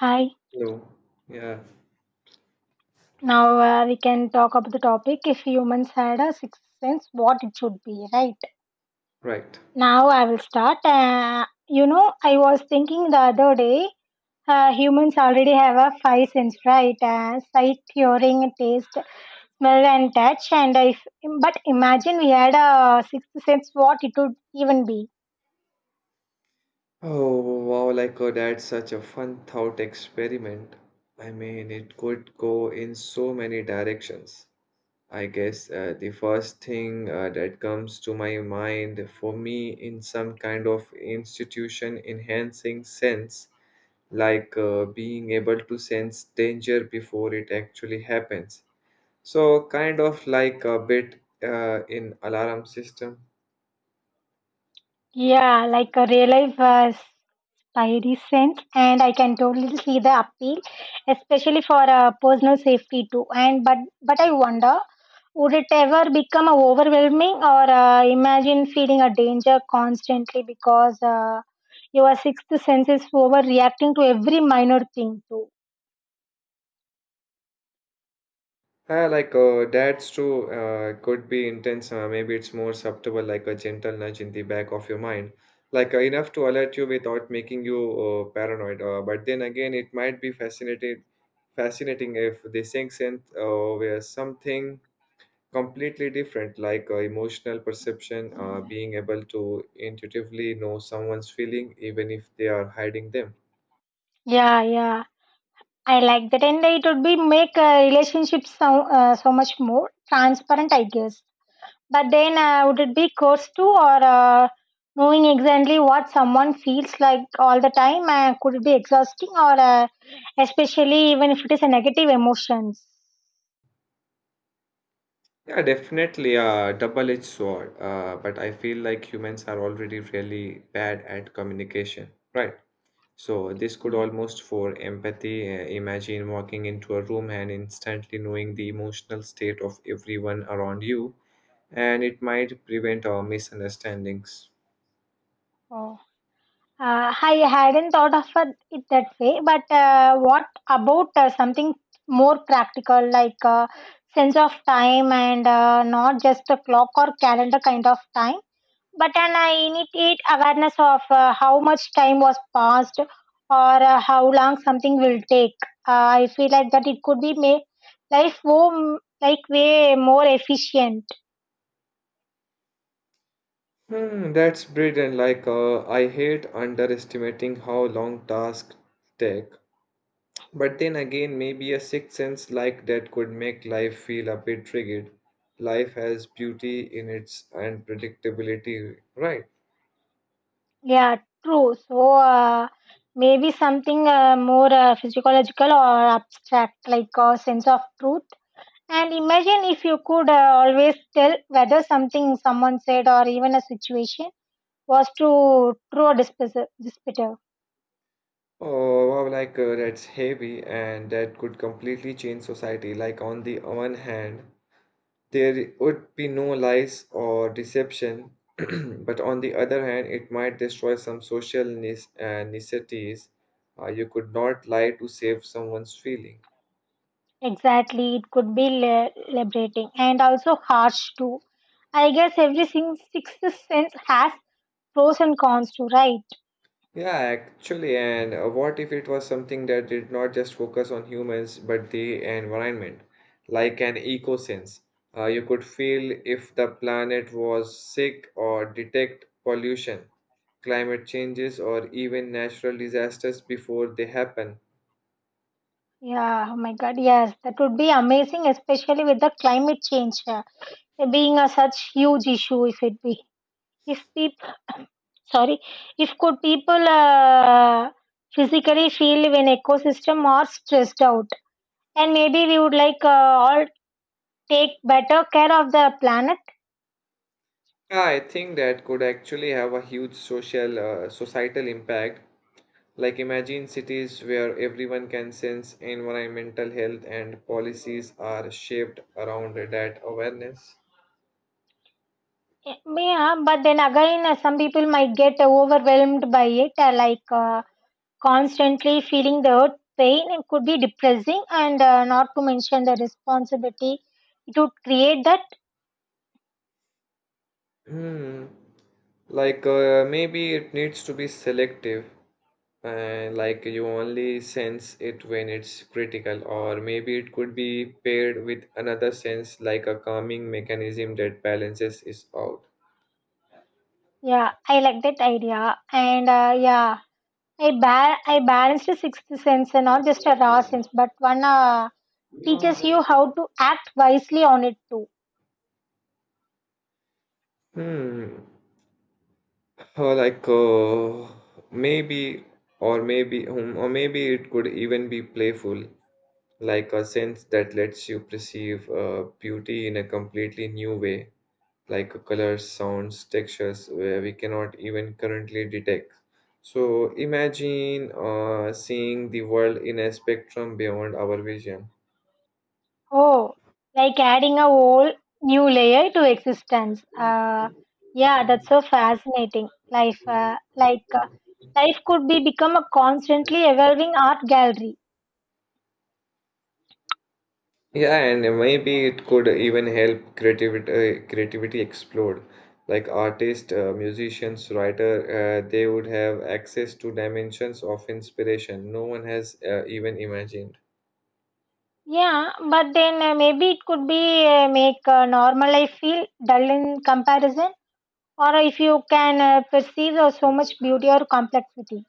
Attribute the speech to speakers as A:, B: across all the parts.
A: Hi,
B: No. Yeah,
A: now we can talk about the topic if humans had a sixth sense, what it should be, right?
B: right.
A: Now I will start. I was thinking the other day, humans already have a five sense, right? Sight, hearing, taste, smell, and touch. And if, but imagine we had a sixth sense, what it would even be?
B: Oh, wow, that's such a fun thought experiment. I mean, it could go in so many directions. I guess the first thing that comes to my mind for me in some kind of institution enhancing sense, like being able to sense danger before it actually happens. So, kind of like a bit in alarm system.
A: Yeah, like a real life. Very sense, and I can totally see the appeal, especially for personal safety too. And but I wonder, would it ever become overwhelming or imagine feeling a danger constantly because your sixth sense is overreacting to every minor thing too.
B: That's true. Could be intense. Maybe it's more subtle, like a gentle nudge in the back of your mind, like enough to alert you without making you paranoid. But then again, it might be fascinating if the sinks in were something completely different, like emotional perception, being able to intuitively know someone's feeling even if they are hiding them.
A: Yeah, yeah, I like that, and it would be make a relationship so much more transparent, I guess. But then, would it be course too, or knowing exactly what someone feels like all the time? Could it be exhausting, or especially even if it is a negative emotions?
B: Yeah, definitely a double-edged sword. But I feel like humans are already really bad at communication, right? So this could
A: Yeah.
B: almost for empathy. Imagine walking into a room and instantly knowing the emotional state of everyone around you, and it might prevent our misunderstandings.
A: Oh. I hadn't thought of it that way, but what about something more practical, like sense of time and not just a clock or calendar kind of time? But and I immediate awareness of how much time was passed or how long something will take. I feel like that it could be made life more like way more efficient.
B: Hmm, that's brilliant. Like, I hate underestimating how long tasks take. But then again, maybe a sixth sense like that could make life feel a bit rigid. Life has beauty in its unpredictability, right?
A: Yeah, true. So maybe something more physiological or abstract, like a sense of truth. And imagine if you could always tell whether something someone said or even a situation was too true or disputative.
B: Oh, wow, that's heavy, and that could completely change society. Like, on the one hand, there would be no lies or deception, but on the other hand, it might destroy some social necessities. You could not lie to save someone's feeling.
A: Exactly, it could be liberating and also harsh too. I guess every sixth sense has pros and cons too, right?
B: Yeah, actually, and what if it was something that did not just focus on humans but the environment, like an eco sense? You could feel if the planet was sick or detect pollution, climate changes, or even natural disasters before they happen.
A: Yeah, oh my god, yes, that would be amazing, especially with the climate change being a such huge issue. If it be, if people, sorry, if could people physically feel when ecosystem are stressed out, and maybe we would all take better care of the planet.
B: Yeah, I think that could actually have a huge social, societal impact. Like imagine cities where everyone can sense environmental health and policies are shaped around that awareness.
A: Yeah, but then again, some people might get overwhelmed by it, constantly feeling the earth pain. It could be depressing, and not to mention the responsibility. It would create that.
B: Hmm. Like, maybe it needs to be selective. Like you only sense it when it's critical, or maybe it could be paired with another sense, like a calming mechanism that balances it out.
A: Yeah, I like that idea, and yeah, I balanced a sixth sense, and not just a raw sense, but one teaches you how to act wisely on it too.
B: Hmm. Or like maybe, or maybe, or maybe it could even be playful, like a sense that lets you perceive beauty in a completely new way, like colors, sounds, textures, where we cannot even currently detect. So imagine seeing the world in a spectrum beyond our vision.
A: Oh, like adding a whole new layer to existence. Yeah, that's so fascinating. Life could be become a constantly evolving art gallery.
B: Yeah, and maybe it could even help creativity explode. Like artists, musicians, writer, they would have access to dimensions of inspiration no one has even imagined.
A: Yeah, but then maybe it could be make normal life feel dull in comparison. Or if you can perceive so much beauty or complexity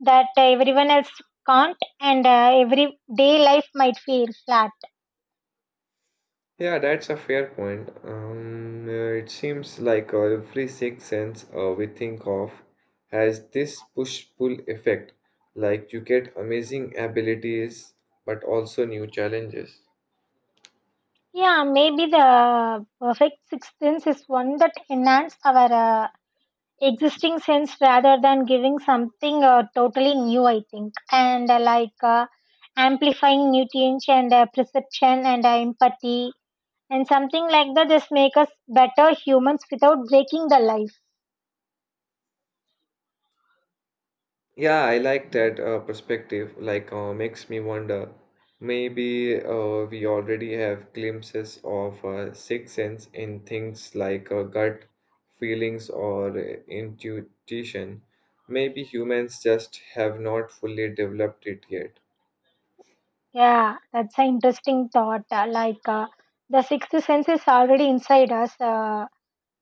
A: that everyone else can't, and everyday life might feel flat.
B: Yeah, that's a fair point. It seems like every sixth sense we think of has this push-pull effect. Like you get amazing abilities, but also new challenges.
A: Yeah, maybe the perfect sixth sense is one that enhances our uh, existing sense rather than giving something totally new, I think. And like amplifying nutrients and perception and empathy and something like that just make us better humans without breaking the life.
B: Yeah, I like that perspective. Like, makes me wonder. Maybe we already have glimpses of sixth sense in things like gut feelings or intuition. Maybe humans just have not fully developed it yet.
A: Yeah, that's an interesting thought. The sixth sense is already inside us.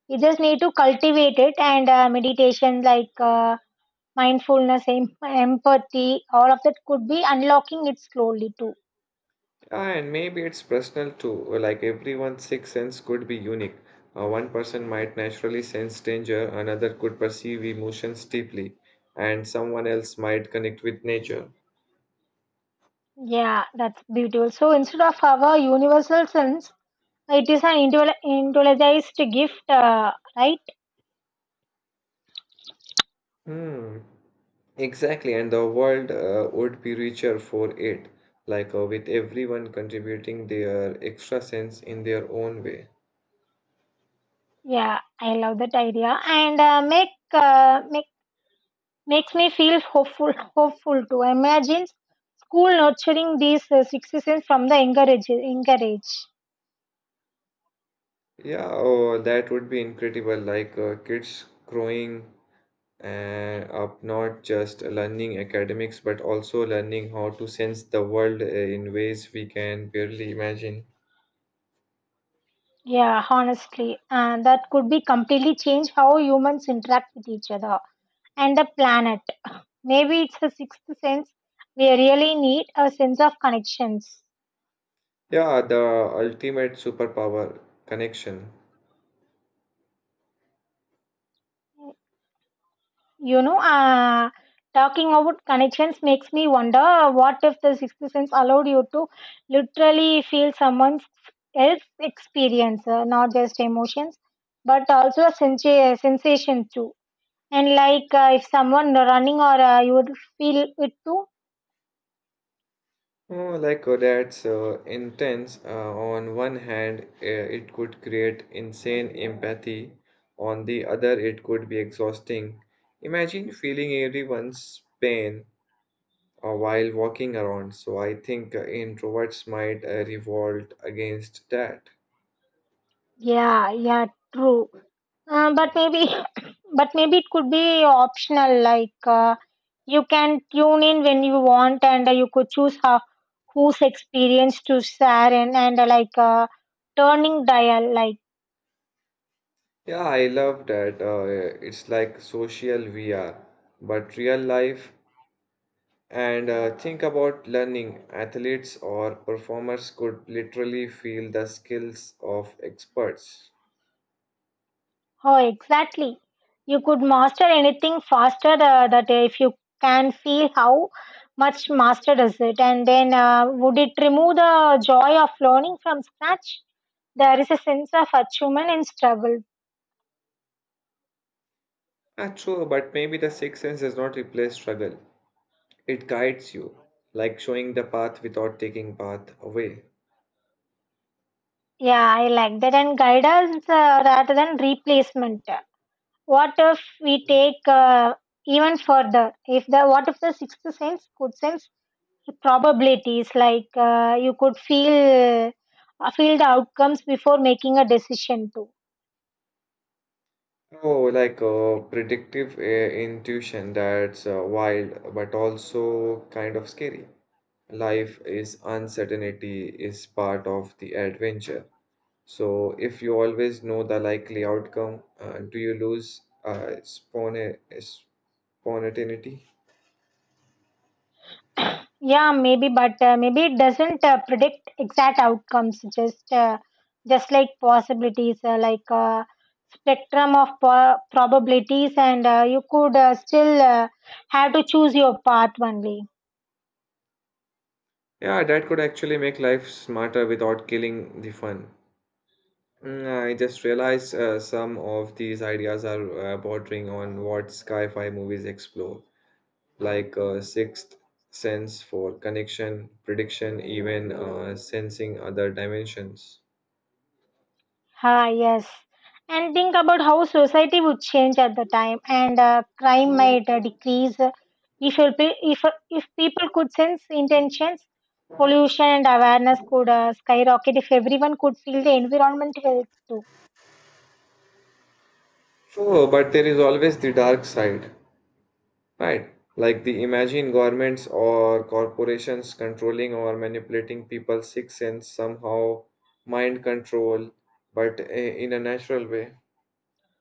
A: We just need to cultivate it and meditation like. Mindfulness, empathy, all of that could be unlocking it slowly too.
B: Ah, and maybe it's personal too. Like everyone's sixth sense could be unique. One person might naturally sense danger, another could perceive emotions deeply, and someone else might connect with nature.
A: Yeah, that's beautiful. So instead of our universal sense, it is an individualized gift, right?
B: Hmm, exactly, and the world would be richer for it, like with everyone contributing their extra sense in their own way.
A: Yeah, I love that idea, and makes me feel hopeful. Hopeful too. Imagine school nurturing these six senses from the younger age. Younger age.
B: Yeah, oh, that would be incredible, like kids growing uh, up, not just learning academics, but also learning how to sense the world in ways we can barely imagine.
A: Yeah, honestly, that could be completely change how humans interact with each other and the planet. Maybe it's the sixth sense. We really need a sense of connections.
B: Yeah, the ultimate superpower, connection.
A: You know, talking about connections makes me wonder what if the sixth sense allowed you to literally feel someone else's experience, not just emotions, but also a sensation too. And if someone running or you would feel it too.
B: Oh, that's intense. On one hand, it could create insane empathy. On the other, it could be exhausting. Imagine feeling everyone's pain while walking around. So I think introverts might revolt against that.
A: Yeah, yeah, true. But maybe, but maybe it could be optional. You can tune in when you want, and you could choose how, whose experience to share, and like turning dial. Like
B: Yeah, I love that. It's like social VR, but real life. And think about learning. Athletes or performers could literally feel the skills of experts.
A: how exactly you could master anything faster. That if you can feel how much master is it, and then would it remove the joy of learning from scratch? There is a sense of achievement in struggle.
B: Ah, true, but maybe the sixth sense does not replace struggle. It guides you, like showing the path without taking path away.
A: Yeah, I like that. And guidance rather than replacement. What if we take even further? If the what if the sixth sense could sense the probabilities, like you could feel the outcomes before making a decision too.
B: Oh, predictive intuition, that's wild, but also kind of scary. Life is uncertainty is part of the adventure. So if you always know the likely outcome, do you lose spontaneity?
A: Yeah, maybe, but maybe it doesn't predict exact outcomes. Just like possibilities, spectrum of probabilities, and you could still have to choose your path only.
B: Yeah, that could actually make life smarter without killing the fun. Mm, I just realized some of these ideas are bordering on what sci-fi movies explore, like Sixth Sense for connection, prediction, even sensing other dimensions.
A: Ah, yes. And think about how society would change at the time, and crime might decrease if you'll pe- if people could sense intentions. Pollution and awareness could skyrocket if everyone could feel the environmental health too.
B: Oh, but there is always the dark side. Right. Like the imagine governments or corporations controlling or manipulating people's sixth sense somehow, mind control, but in a natural way.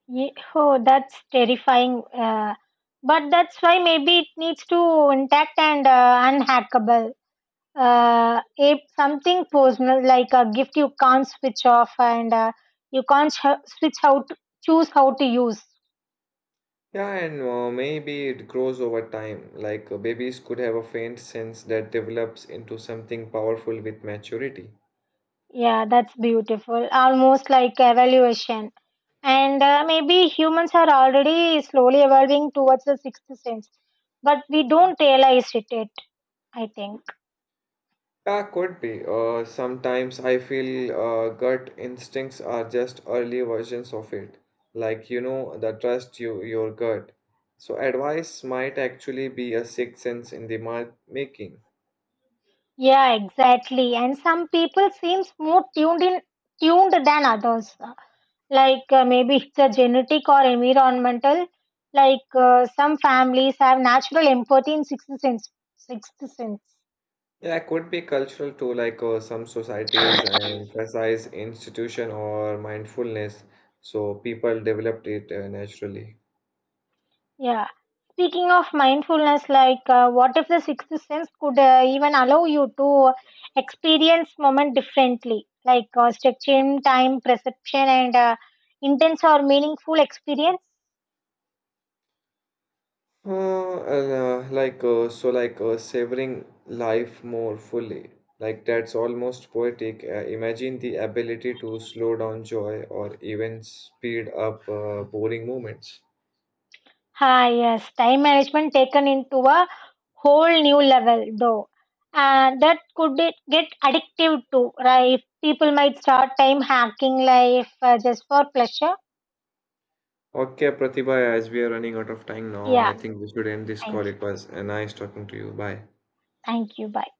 A: Oh, that's terrifying. But that's why maybe it needs to intact and unhackable. If something personal like a gift you can't switch off and you can't sh- switch how to choose how to use.
B: Yeah, and maybe it grows over time. Like babies could have a faint sense that develops into something powerful with maturity.
A: Yeah, that's beautiful. Almost like evaluation. And maybe humans are already slowly evolving towards the sixth sense, but we don't realize it yet, I think.
B: Yeah, could be. Sometimes I feel gut instincts are just early versions of it. Like, you know, the trust your gut. So advice might actually be a sixth sense in the making.
A: Yeah, exactly. And some people seems more tuned than others. Maybe it's a genetic or environmental. Some families have natural empathy in Sixth sense.
B: Yeah, it could be cultural too, like some societies emphasize institution or mindfulness, so people developed it naturally.
A: Yeah. Speaking of mindfulness, what if the sixth sense could even allow you to experience moment differently, structuring, time, perception, and intense or meaningful experience?
B: And, like so, like Savoring life more fully. Like that's almost poetic. Imagine the ability to slow down joy or even speed up boring moments.
A: Ah, yes, time management taken into a whole new level, though. And that get addictive too, right? People might start time hacking life just for pleasure.
B: Okay, Pratibha, as we are running out of time now,
A: Yeah,
B: I think we should end this
A: thank
B: call.
A: you.
B: It was nice talking to you. Bye.
A: Thank you. Bye.